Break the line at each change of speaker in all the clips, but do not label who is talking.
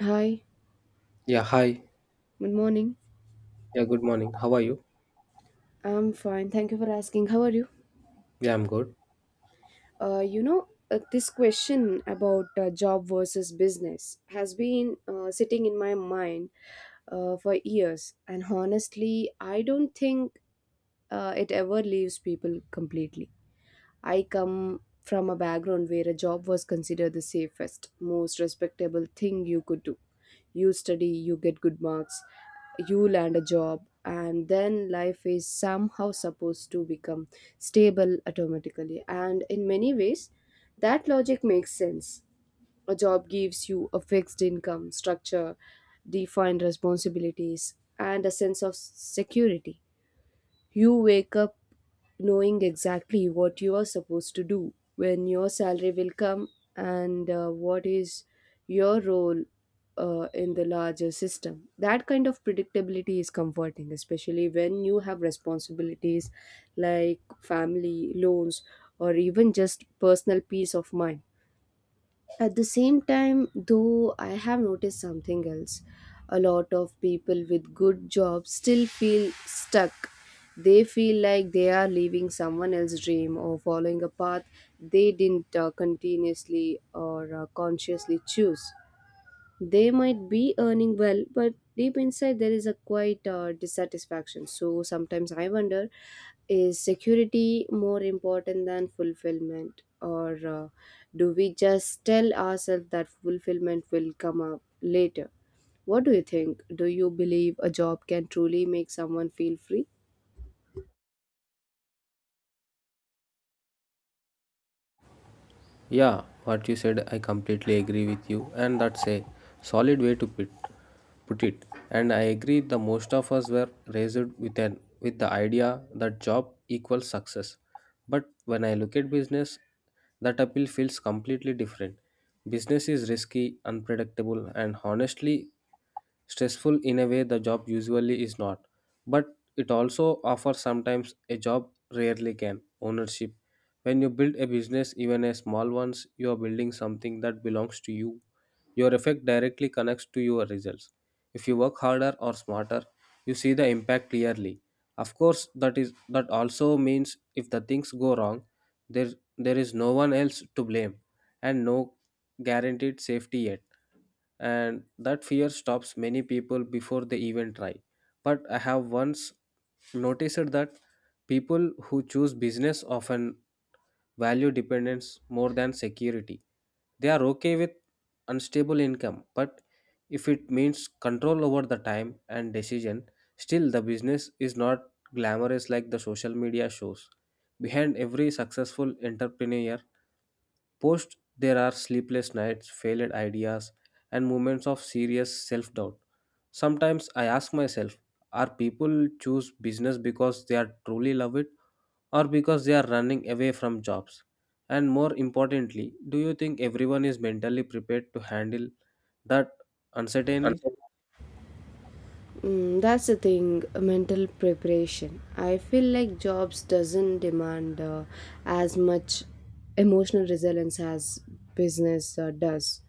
Hi,
Yeah, hi.
good morning.
Yeah, good morning. How are you?
I'm fine. Thank you for asking. How are you?
Yeah, I'm good.
This question about job versus business has been sitting in my mind for years, and honestly, I don't think it ever leaves people completely. I come from a background where a job was considered the safest, most respectable thing you could do. You study, you get good marks, you land a job, and then life is somehow supposed to become stable automatically. And in many ways, that logic makes sense. A job gives you a fixed income, structure, defined responsibilities, and a sense of security. You wake up knowing exactly what you are supposed to do, when your salary will come, and what is your role in the larger system. That kind of predictability is comforting, especially when you have responsibilities like family, loans, or even just personal peace of mind. At the same time, though, I have noticed something else. A lot of people with good jobs still feel stuck. They feel like they are living someone else's dream or following a path they didn't continuously or consciously choose. They might be earning well, but deep inside there is a quite dissatisfaction. So sometimes I wonder, is security more important than fulfillment, or do we just tell ourselves that fulfillment will come up later? What do you think? Do you believe a job can truly make someone feel free?
Yeah, what you said, I completely agree with you, and that's a solid way to put it. And I agree the most of us were raised with an with the idea that job equals success. But when I look at business, that appeal feels completely different. Business is risky, unpredictable, and honestly stressful in a way the job usually is not, but it also offers sometimes a job rarely can, ownership. When you build a business, even a small ones, you are building something that belongs to you. Your effect directly connects to your results. If you work harder or smarter, you see the impact clearly. Of course, that is that also means if the things go wrong, there there is no one else to blame and no guaranteed safety yet, and that fear stops many people before they even try. But I have once noticed that people who choose business often value dependence more than security. They are okay with unstable income, but if it means control over the time and decision, still the business is not glamorous like the social media shows. Behind every successful entrepreneur post, there are sleepless nights, failed ideas, and moments of serious self doubt. Sometimes I ask myself, are people choose business because they are truly love it, or because they are running away from jobs? And more importantly, do you think everyone is mentally prepared to handle that uncertainly?
Unfortunately, that's the thing, mental preparation. I feel like jobs doesn't demand as much emotional resilience as business does.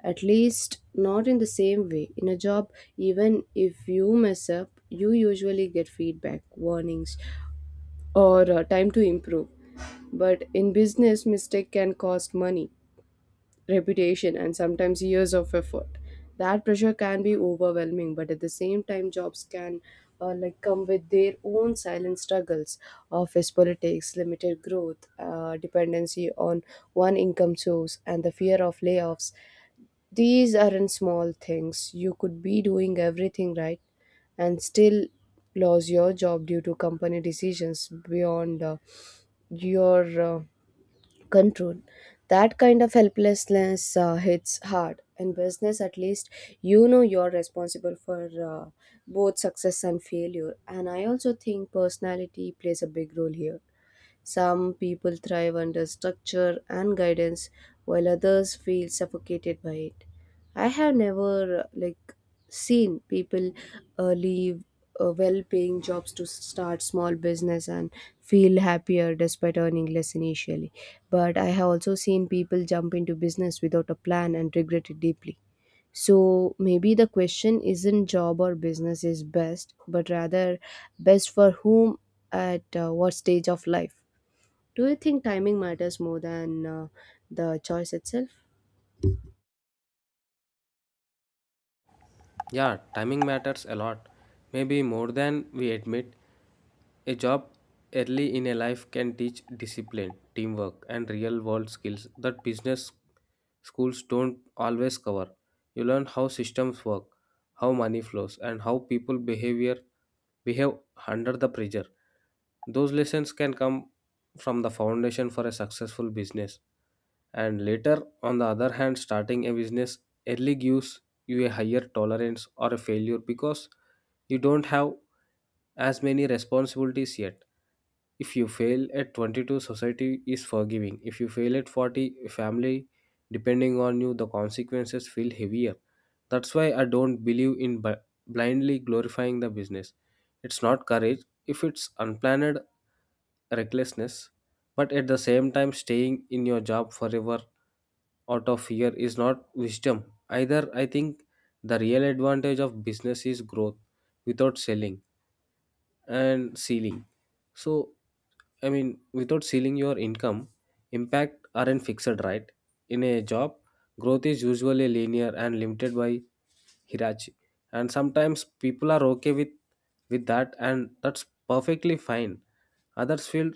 At least not in the same way. In a job, even if you mess up, you usually get feedback, warnings, or time to improve. But in business, mistake can cost money, reputation, and sometimes years of effort. That pressure can be overwhelming, but at the same time, jobs can come with their own silent struggles: office politics, limited growth, dependency on one income source, and the fear of layoffs. These aren't small things. You could be doing everything right and still lose your job due to company decisions beyond your control. That kind of helplessness hits hard. In business, at least, you know you're responsible for both success and failure. And I also think personality plays a big role here. Some people thrive under structure and guidance while others feel suffocated by it. I have never seen people leave well-paying jobs to start small business and feel happier despite earning less initially. But I have also seen people jump into business without a plan and regret it deeply. So maybe the question isn't job or business is best, but rather best for whom at what stage of life. Do you think timing matters more than the choice itself?
Yeah, timing matters a lot, maybe more than we admit. A job early in a life can teach discipline, teamwork, and real world skills that business schools don't always cover. You learn how systems work, how money flows, and how people behavior behave under the pressure. Those lessons can come from the foundation for a successful business. And later, on the other hand, starting a business early gives you a higher tolerance or a failure because you don't have as many responsibilities yet. If you fail at 22, society is forgiving. If you fail at 40, family depending on you, the consequences feel heavier. That's why I don't believe in blindly glorifying the business. It's not courage if it's unplanned recklessness, but at the same time, staying in your job forever out of fear is not wisdom either. I think the real advantage of business is growth without selling and ceiling. So, I mean, without ceiling your income, impact aren't fixed, right? In a job, growth is usually linear and limited by hierarchy. And sometimes people are okay with that, and that's perfectly fine. Others feel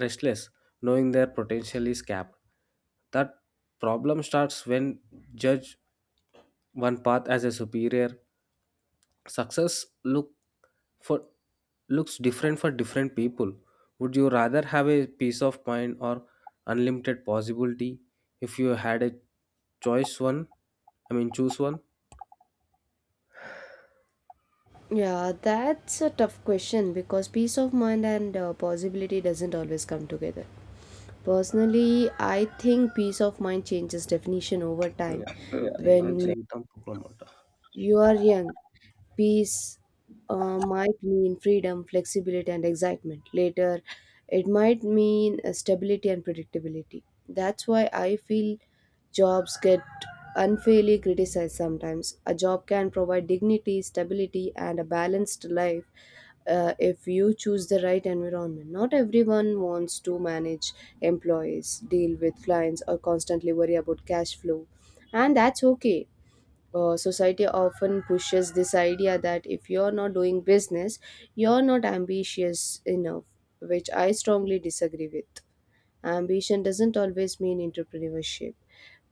restless, knowing their potential is capped. That problem starts when judge one path as a superior, success for looks different for different people. Would you rather have a peace of mind or unlimited possibility? If you had a choice, one, I mean, choose one.
Yeah, that's a tough question because peace of mind and possibility doesn't always come together. Personally, I think peace of mind changes definition over time.
Yeah, one thing that
When
జీవితం పొగలమాట.
you are young, peace might mean freedom, flexibility, and excitement. Later, it might mean stability and predictability. That's why I feel jobs get unfairly criticized sometimes. A job can provide dignity, stability, and a balanced life if you choose the right environment. Not everyone wants to manage employees, deal with clients, or constantly worry about cash flow. And that's okay. Society often pushes this idea that if you're not doing business, you're not ambitious enough, which I strongly disagree with. Ambition doesn't always mean entrepreneurship,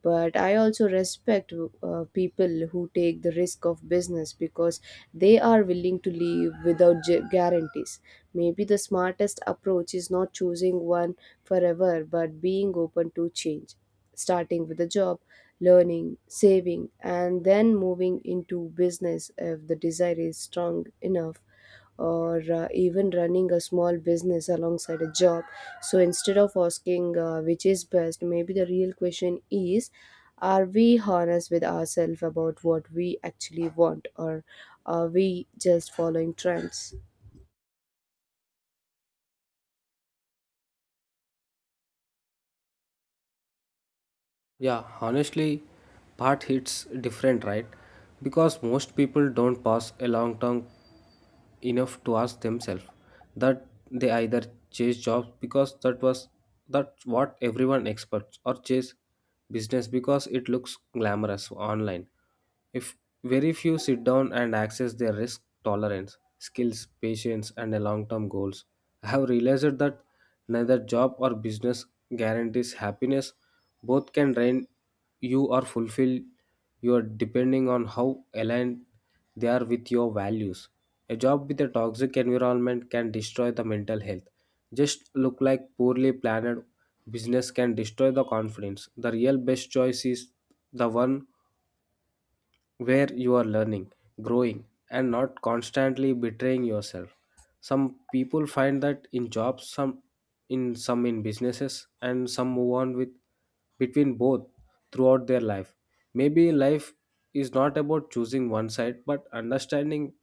but I also respect people who take the risk of business because they are willing to leave without guarantees. Maybe the smartest approach is not choosing one forever, but being open to change, starting with a job, learning, saving, and then moving into business if the desire is strong enough, or even running a small business alongside a job. So instead of asking which is best, maybe the real question is, are we honest with ourselves about what we actually want, or are we just following trends?
Yeah, honestly, part hits different, right? Because most people don't pass a long term enough to ask themselves that. They either chase jobs because that's what everyone expects, or chase business because it looks glamorous online. If very few sit down and access their risk tolerance, skills, patience, and long-term goals. I have realized that neither job or business guarantees happiness. Both can drain you or fulfill you are depending on how aligned they are with your values. A job with a toxic environment can destroy the mental health. Just look like poorly planned business can destroy the confidence. The real best choice is the one where you are learning, growing, and not constantly betraying yourself. Some people find that in jobs, some in businesses, and some move on with between both throughout their life. Maybe life is not about choosing one side, but understanding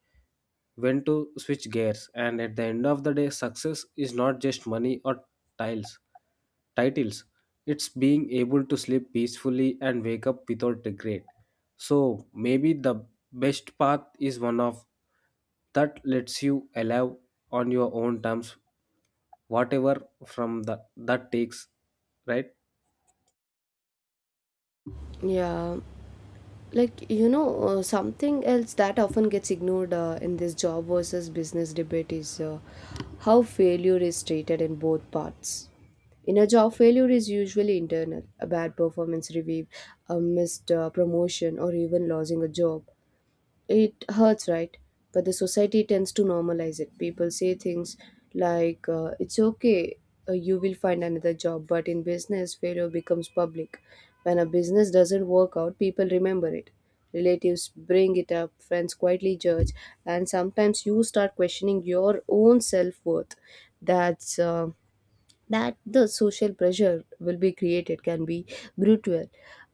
when to switch gears. And at the end of the day, success is not just money or tiles titles. It's being able to sleep peacefully and wake up without regret. So maybe the best path is one of that lets you alive on your own terms, whatever from the that takes, right?
Yeah, something else that often gets ignored in this job versus business debate is how failure is treated in both parts. In a job, failure is usually internal: a bad performance review, a missed promotion, or even losing a job. It hurts, right? But the society tends to normalize it. People say things like, it's okay, you will find another job. But in business, failure becomes public. When a business doesn't work out, people remember it. Relatives bring it up, friends quietly judge, and sometimes you start questioning your own self worth. That's uh, that the social pressure will be created can be brutal,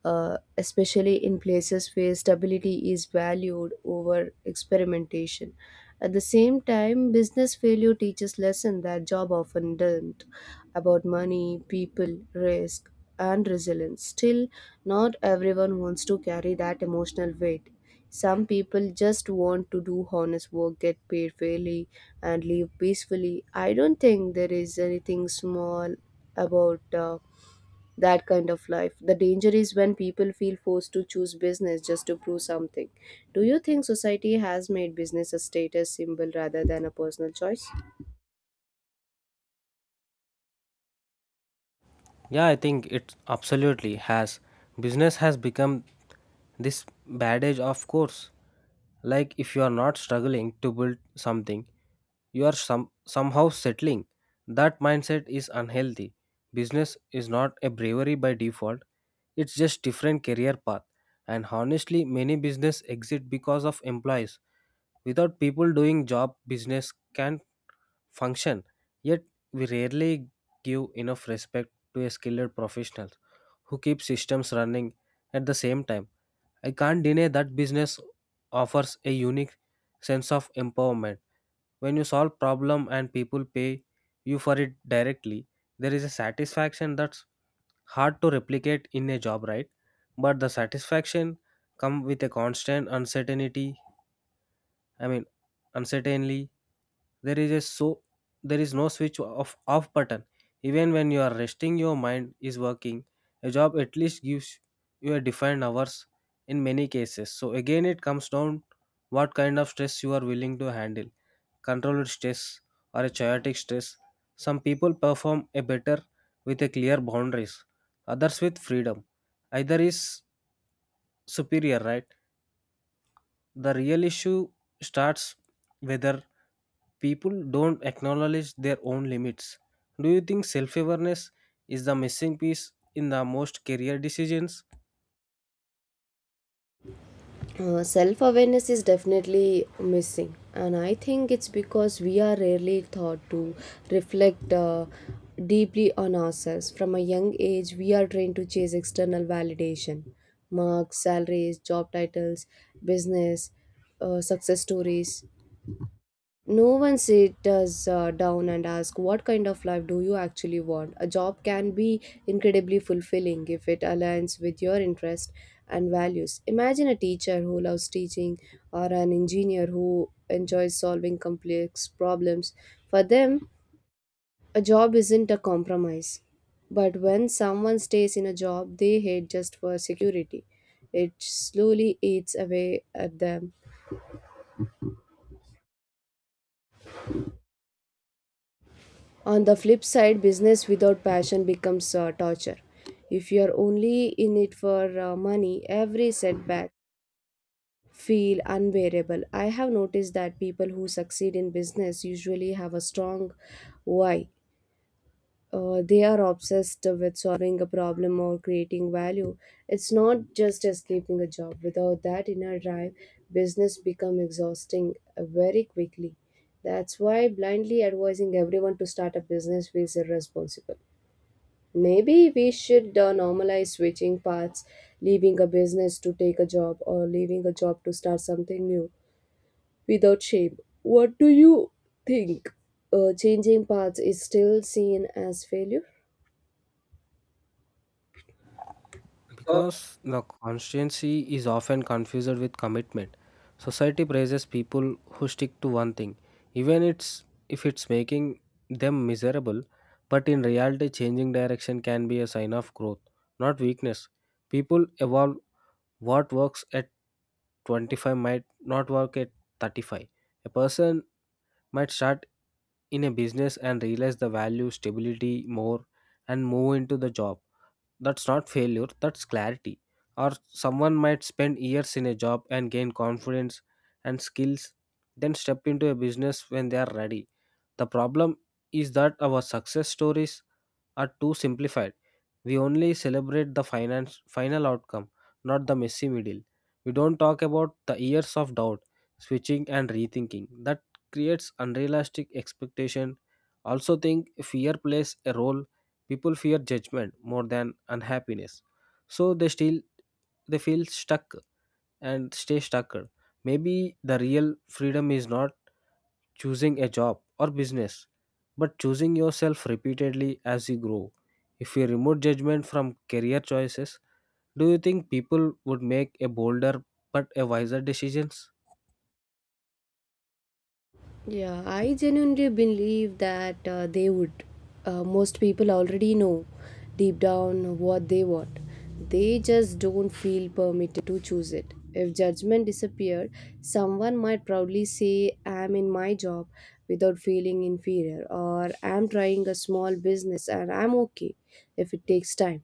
especially in places where stability is valued over experimentation. At the same time, business failure teaches lesson that job often don't, about money, people, risk, and resilience. Still, not everyone wants to carry that emotional weight. Some people just want to do honest work, get paid fairly, and live peacefully. I don't think there is anything small about that kind of life. The danger is when people feel forced to choose business just to prove something. Do you think society has made business a status symbol rather than a personal choice?
Yeah, I think it absolutely has. Business has become this badge of course. Like if you are not struggling to build something, you are somehow settling. That mindset is unhealthy. Business is not a bravery by default. It's just different career path. And honestly, many business exit because of employees. Without people doing job, business can function, yet we rarely give enough respect to a skilled professional who keeps systems running at the same time. I can't deny that business offers a unique sense of empowerment. When you solve problem and people pay you for it directly, there is a satisfaction that's hard to replicate in a job, right? But the satisfaction come with a constant uncertainty. I mean, uncertainly, there is a so there is no switch off button. Even when you are resting, your mind is working. A job at least gives you a defined hours in many cases. So again, it comes down what kind of stress you are willing to handle, controlled stress or a chaotic stress. Some people perform a better with a clear boundaries, others with freedom. Either is superior, right? The real issue starts whether people don't acknowledge their own limits. Do you think self awareness is the missing piece in the most career decisions?
Self awareness is definitely missing, and I think it's because we are rarely taught to reflect deeply on ourselves. From a young age we are trained to chase external validation: marks, salaries, job titles, business success stories. No one sit us down and ask, what kind of life do you actually want? A job can be incredibly fulfilling if it aligns with your interests and values. Imagine a teacher who loves teaching or an engineer who enjoys solving complex problems. For them, a job isn't a compromise. But when someone stays in a job they hate just for security, it slowly eats away at them. On the flip side, business without passion becomes torture. If you're only in it for money, every setback feel unbearable. I have noticed that people who succeed in business usually have a strong why. They are obsessed with solving a problem or creating value. It's not just escaping a job. Without that inner drive, business become exhausting very quickly. That's why blindly advising everyone to start a business feels irresponsible. Maybe we should normalize switching paths, leaving a business to take a job or leaving a job to start something new without shame. What do you think? Changing paths is still seen as failure?
Because the constancy is often confused with commitment. Society praises people who stick to one thing, even if it's making them miserable. But in reality, changing direction can be a sign of growth, not weakness. People evolve. What works at 25 might not work at 35. A person might start in a business and realize the value stability more and move into the job. That's not failure, that's clarity. Or someone might spend years in a job and gain confidence and skills, then step into a business when they are ready. The problem is that our success stories are too simplified. We only celebrate the final outcome, not the messy middle. We don't talk about the years of doubt, switching, and rethinking. That creates unrealistic expectation. Also, think fear plays a role. People fear judgment more than unhappiness, so they feel stuck and stay stuck. Maybe the real freedom is not choosing a job or business, but choosing yourself repeatedly as you grow. If you remove judgment from career choices, do you think people would make a bolder but a wiser decisions?
Yeah, I genuinely believe that they would. Most people already know deep down what they want. They just don't feel permitted to choose it. If judgment disappeared, someone might proudly say, I'm in my job without feeling inferior, or I'm trying a small business and I'm okay if it takes time.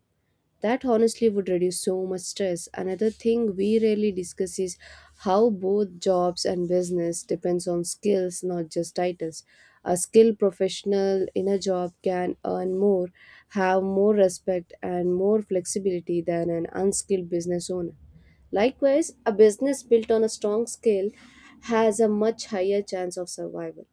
That honestly would reduce so much stress. Another thing we rarely discuss is how both jobs and business depends on skills, not just titles. A skilled professional in a job can earn more, have more respect and more flexibility than an unskilled business owner. Likewise, a business built on a strong skill has a much higher chance of survival.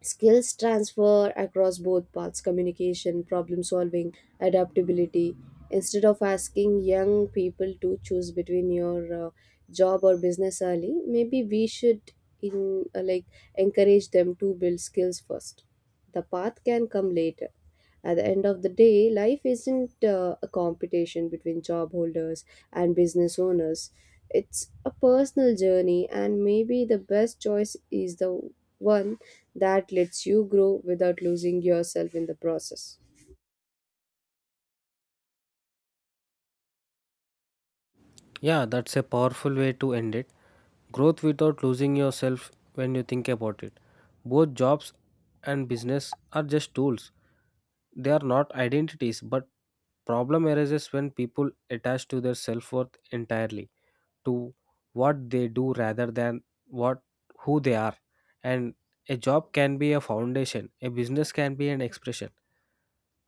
Skills transfer across both paths: communication, problem solving, adaptability. Instead of asking young people to choose between your job or business early, maybe we should in like encourage them to build skills first. The path can come later. At the end of the day, life isn't a competition between job holders and business owners. It's a personal journey, and maybe the best choice is the one that lets you grow without losing yourself in the process.
Yeah, that's a powerful way to end it. Growth without losing yourself when you think about it. Both jobs and business are just tools. They are not identities, but problem arises when people attach to their self-worth entirely to what they do rather than what who they are. And a job can be a foundation, a business can be an expression.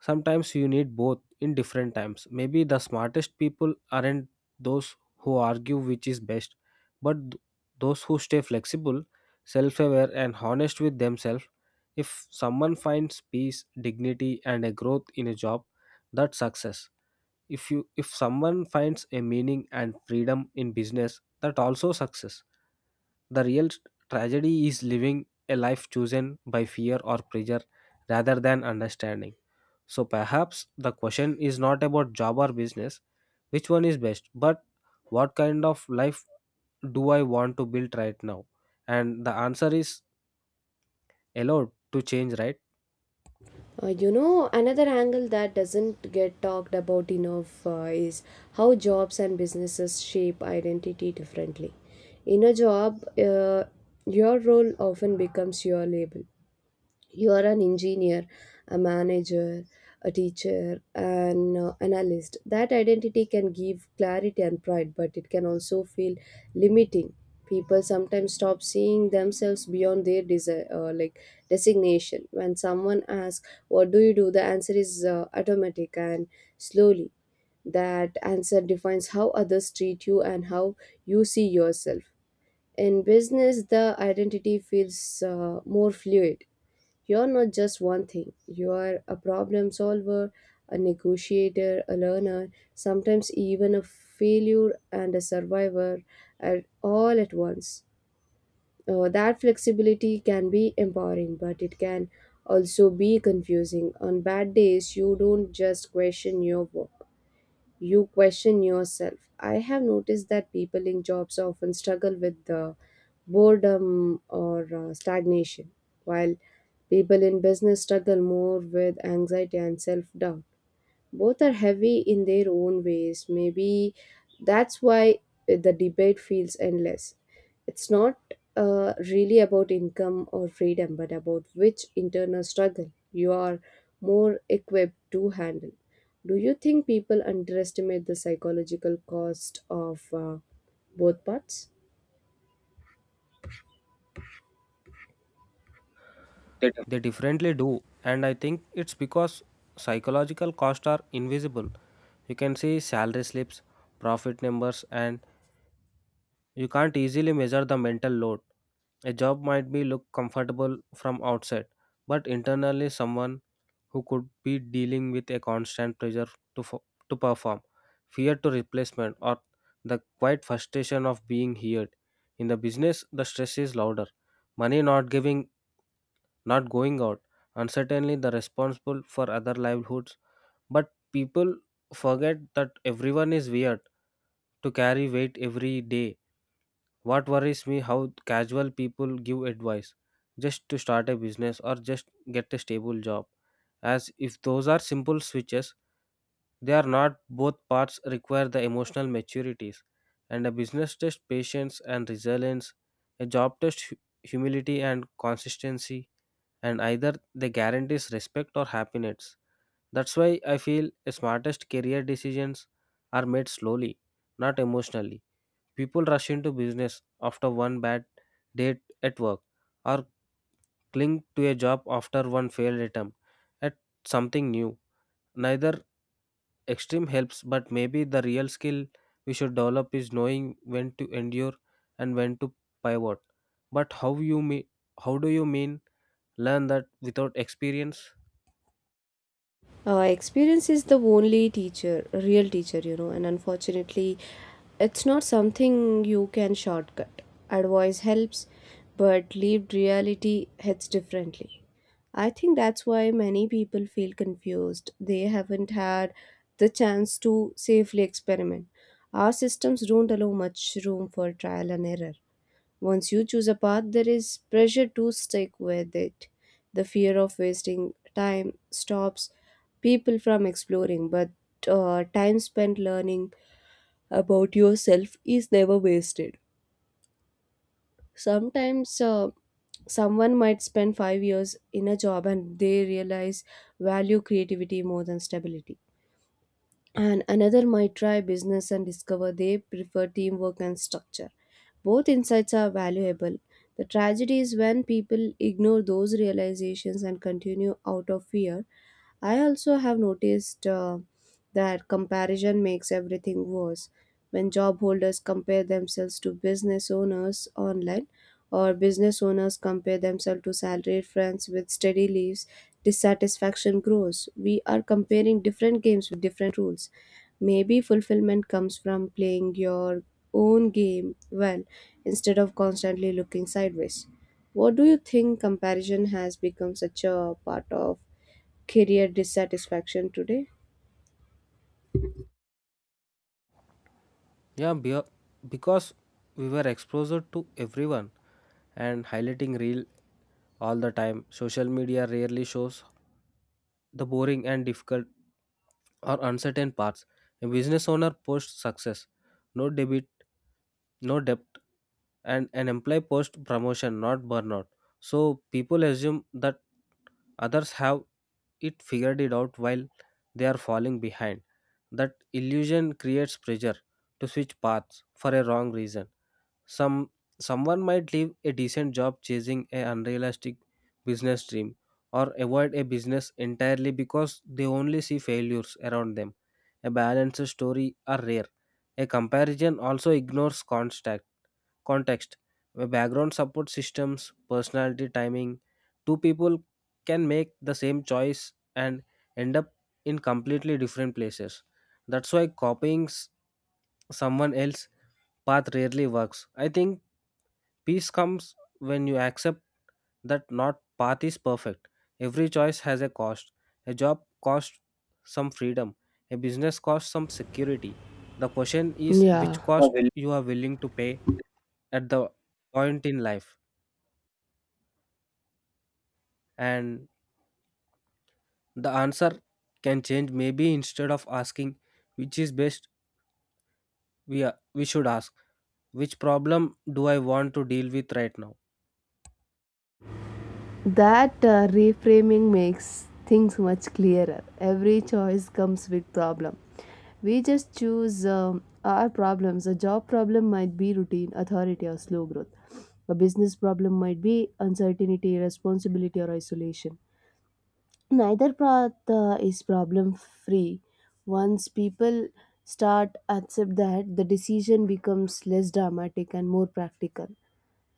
Sometimes you need both in different times. Maybe the smartest people aren't those who argue which is best, but those who stay flexible, self-aware, and honest with themselves. If someone finds peace, dignity, and a growth in a job, that's success. If someone finds a meaning and freedom in business, that also success. The real tragedy is living a life chosen by fear or pressure rather than understanding. So perhaps the question is not about job or business which one is best, but what kind of life do I want to build right now. And the answer is allowed to change, right?
Another angle that doesn't get talked about enough is how jobs and businesses shape identity differently. In a job, your role often becomes your label. You are an engineer, a manager, a teacher, an analyst. That identity can give clarity and pride, but it can also feel limiting. People sometimes stop seeing themselves beyond their designation. When someone asks what do you do, the answer is automatic, and slowly that answer defines how others treat you and how you see yourself. In business, the identity feels more fluid. You're not just one thing, you are a problem solver, a negotiator, a learner, sometimes even a failure and a survivor at all at once. That flexibility can be empowering, but it can also be confusing. On bad days, you don't just question your work, you question yourself. I have noticed that people in jobs often struggle with the boredom or stagnation, while people in business struggle more with anxiety and self doubt. Both are heavy in their own ways. Maybe that's why the debate feels endless. It's not really about income or freedom, but about which internal struggle you are more equipped to handle. Do you think people underestimate the psychological cost of both parts?
They differently do, and I think it's because psychological costs are invisible. You can see salary slips, profit numbers, and you can't easily measure the mental load. A job might be look comfortable from outside, but internally someone who could be dealing with a constant pressure to fo- to perform, fear to replacement, or the quiet frustration of being heard. In the business, the stress is louder. Money not going out, and certainly the responsible for other livelihoods. But people forget that everyone is weird to carry weight every day. What worries me how casual people give advice just to start a business or just get a stable job. As if those are simple switches, they are not. Both parts require the emotional maturities. And a business test patience and resilience, a job test humility and consistency, and either they guarantees respect or happiness. That's why I feel the smartest career decisions are made slowly, not emotionally. People rush into business after one bad day at work, or cling to a job after one failed attempt at something new. Neither extreme helps, but maybe the real skill we should develop is knowing when to endure and when to pivot. But how do you mean learn that without experience?
Experience is the only teacher, real teacher, and unfortunately it's not something you can shortcut. Advice helps, but lived reality hits differently. I think that's why many people feel confused. They haven't had the chance to safely experiment. Our systems don't allow much room for trial and error. Once you choose a path, there is pressure to stick with it. The fear of wasting time stops people from exploring, but time spent learning about yourself is never wasted. Sometimes someone might spend 5 years in a job and they realize value creativity more than stability. And another might try business and discover they prefer teamwork and structure. Both insights are valuable. The tragedy is when people ignore those realizations and continue out of fear. I also have noticed that comparison makes everything worse. When job holders compare themselves to business owners online, or business owners compare themselves to salaried friends with steady leaves, dissatisfaction grows. We are comparing different games with different rules. Maybe fulfillment comes from playing your own game well instead of constantly looking sideways. What do you think comparison has become such a part of career dissatisfaction today?
Yeah, because we were exposed to everyone and highlighting real all the time. Social media rarely shows the boring and difficult or uncertain parts. A business owner posts success, no debit, no debt, and an employee posts promotion, not burnout. So people assume that others have it figured it out while they are falling behind. That illusion creates pressure to switch paths for a wrong reason. Some someone might leave a decent job chasing an unrealistic business dream, or avoid a business entirely because they only see failures around them. A balanced story are rare. A comparison also ignores context. A background support systems, personality timing. Two people can make the same choice and end up in completely different places. That's why copying someone else's path rarely works. I think peace comes when you accept that not path is perfect. Every choice has a cost. A job costs some freedom. A business costs some security. The question is which
Yeah.
cost you are willing to pay at the point in life. And the answer can change. Maybe instead of asking which is best, we should ask which problem do I want to deal with right now.
That reframing makes things much clearer. Every choice comes with problem. We just choose our problems. A job problem might be routine, authority, or slow growth. A business problem might be uncertainty, responsibility, or isolation. Neither path is problem free. Once people start accept that, the decision becomes less dramatic and more practical.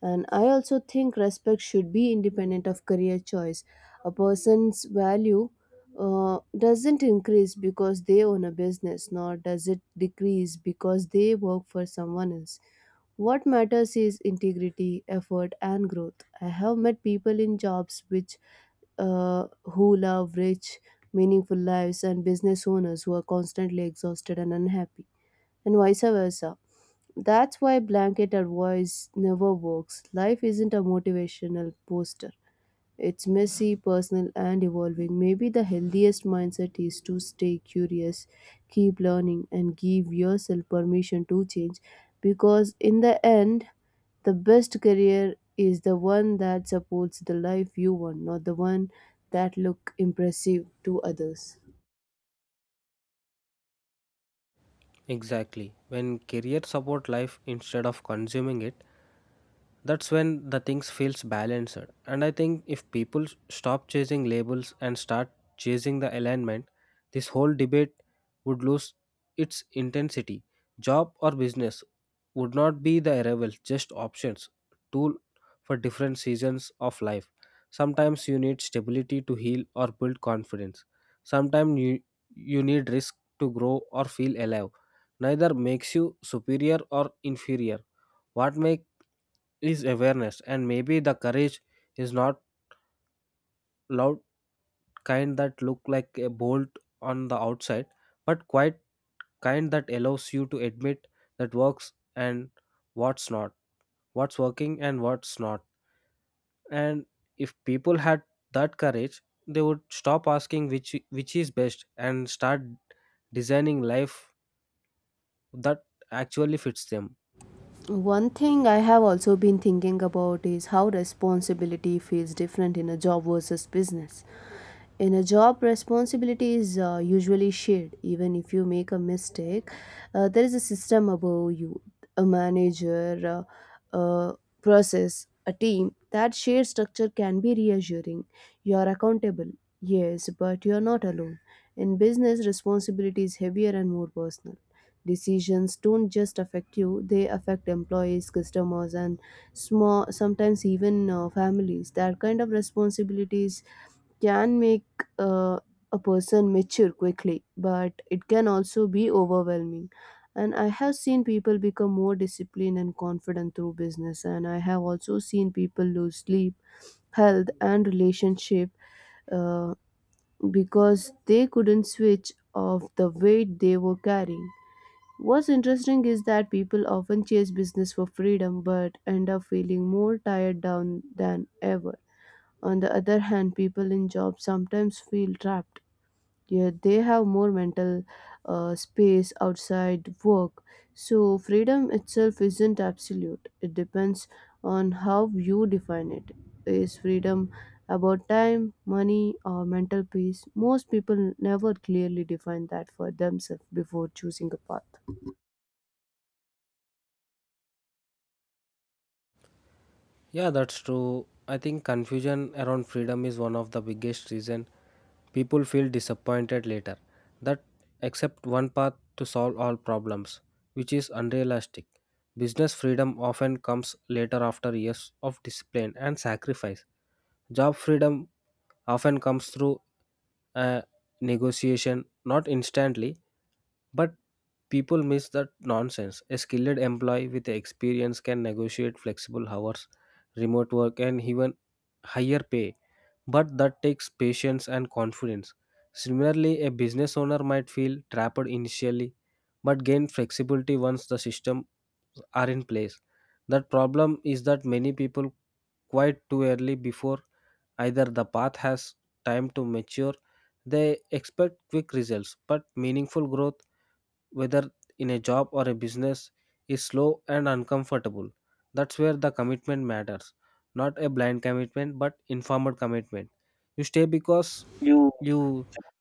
And I also think respect should be independent of career choice. A person's value doesn't increase because they own a business, nor does it decrease because they work for someone else. What matters is integrity, effort and growth. I have met people in jobs which who love rich, meaningful lives, and business owners who are constantly exhausted and unhappy, and vice versa. That's why blanket advice never works. Life isn't a motivational poster, it's messy, personal, and evolving. Maybe the healthiest mindset is to stay curious, keep learning, and give yourself permission to change because, in the end, the best career is the one that supports the life you want, not the one that look impressive to others.
Exactly. When career support life instead of consuming it, that's when the things feels balanced. And I think if people stop chasing labels and start chasing the alignment, this whole debate would lose its intensity. Job or business would not be the arrival, just options, tool for different seasons of life. Sometimes you need stability to heal or build confidence, sometimes you need risk to grow or feel alive. Neither makes you superior or inferior. What makes is awareness. And maybe the courage is not loud kind that look like a bolt on the outside, but quite kind that allows you to admit that works and what's not what's working and what's not. And if people had that courage, they would stop asking which is best and start designing life that actually fits them.
One thing I have also been thinking about is how responsibility feels different in a job versus business. In a job, responsibility is usually shared. Even if you make a mistake, there is a system above you, a manager, uh, uh, process, a team. That shared structure can be reassuring. You are accountable, yes, but you are not alone. In business, responsibility is heavier and more personal. Decisions don't just affect you; they affect employees, customers, and small, sometimes even families. That kind of responsibilities can make uh, a person mature quickly, but it can also be overwhelming. And I have seen people become more disciplined and confident through business, and I have also seen people lose sleep, health, and relationship uh, because they couldn't switch off the weight they were carrying. What's interesting is that people often chase business for freedom but end up feeling more tired down than ever. On the other hand, people in jobs sometimes feel trapped. Yeah, they have more mental space outside work. So freedom itself isn't absolute, it depends on how you define it. Is freedom about time, money or mental peace? Most people never clearly define that for themselves before choosing a path.
Yeah, that's true. I think confusion around freedom is one of the biggest reason people feel disappointed later. That accept one path to solve all problems, which is unrealistic. Business freedom often comes later after years of discipline and sacrifice. Job freedom often comes through a negotiation, not instantly. But people miss that nonsense. A skilled employee with experience can negotiate flexible hours, remote work, and even higher pay. But that takes patience and confidence. Similarly, a business owner might feel trapped initially but gain flexibility once the systems are in place. That problem is that many people quit too early before either the path has time to mature. They expect quick results, but meaningful growth whether in a job or a business is slow and uncomfortable. That's where the commitment matters, not a blind commitment but informed commitment. You stay because
You,
you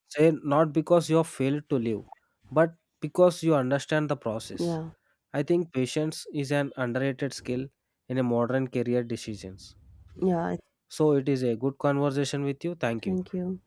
say, not because you have failed to live, but because you understand the process.
yeah.
I think patience is an underrated skill in a modern career decisions.
Yeah,
So it is a good conversation with you. Thank you.
thank you.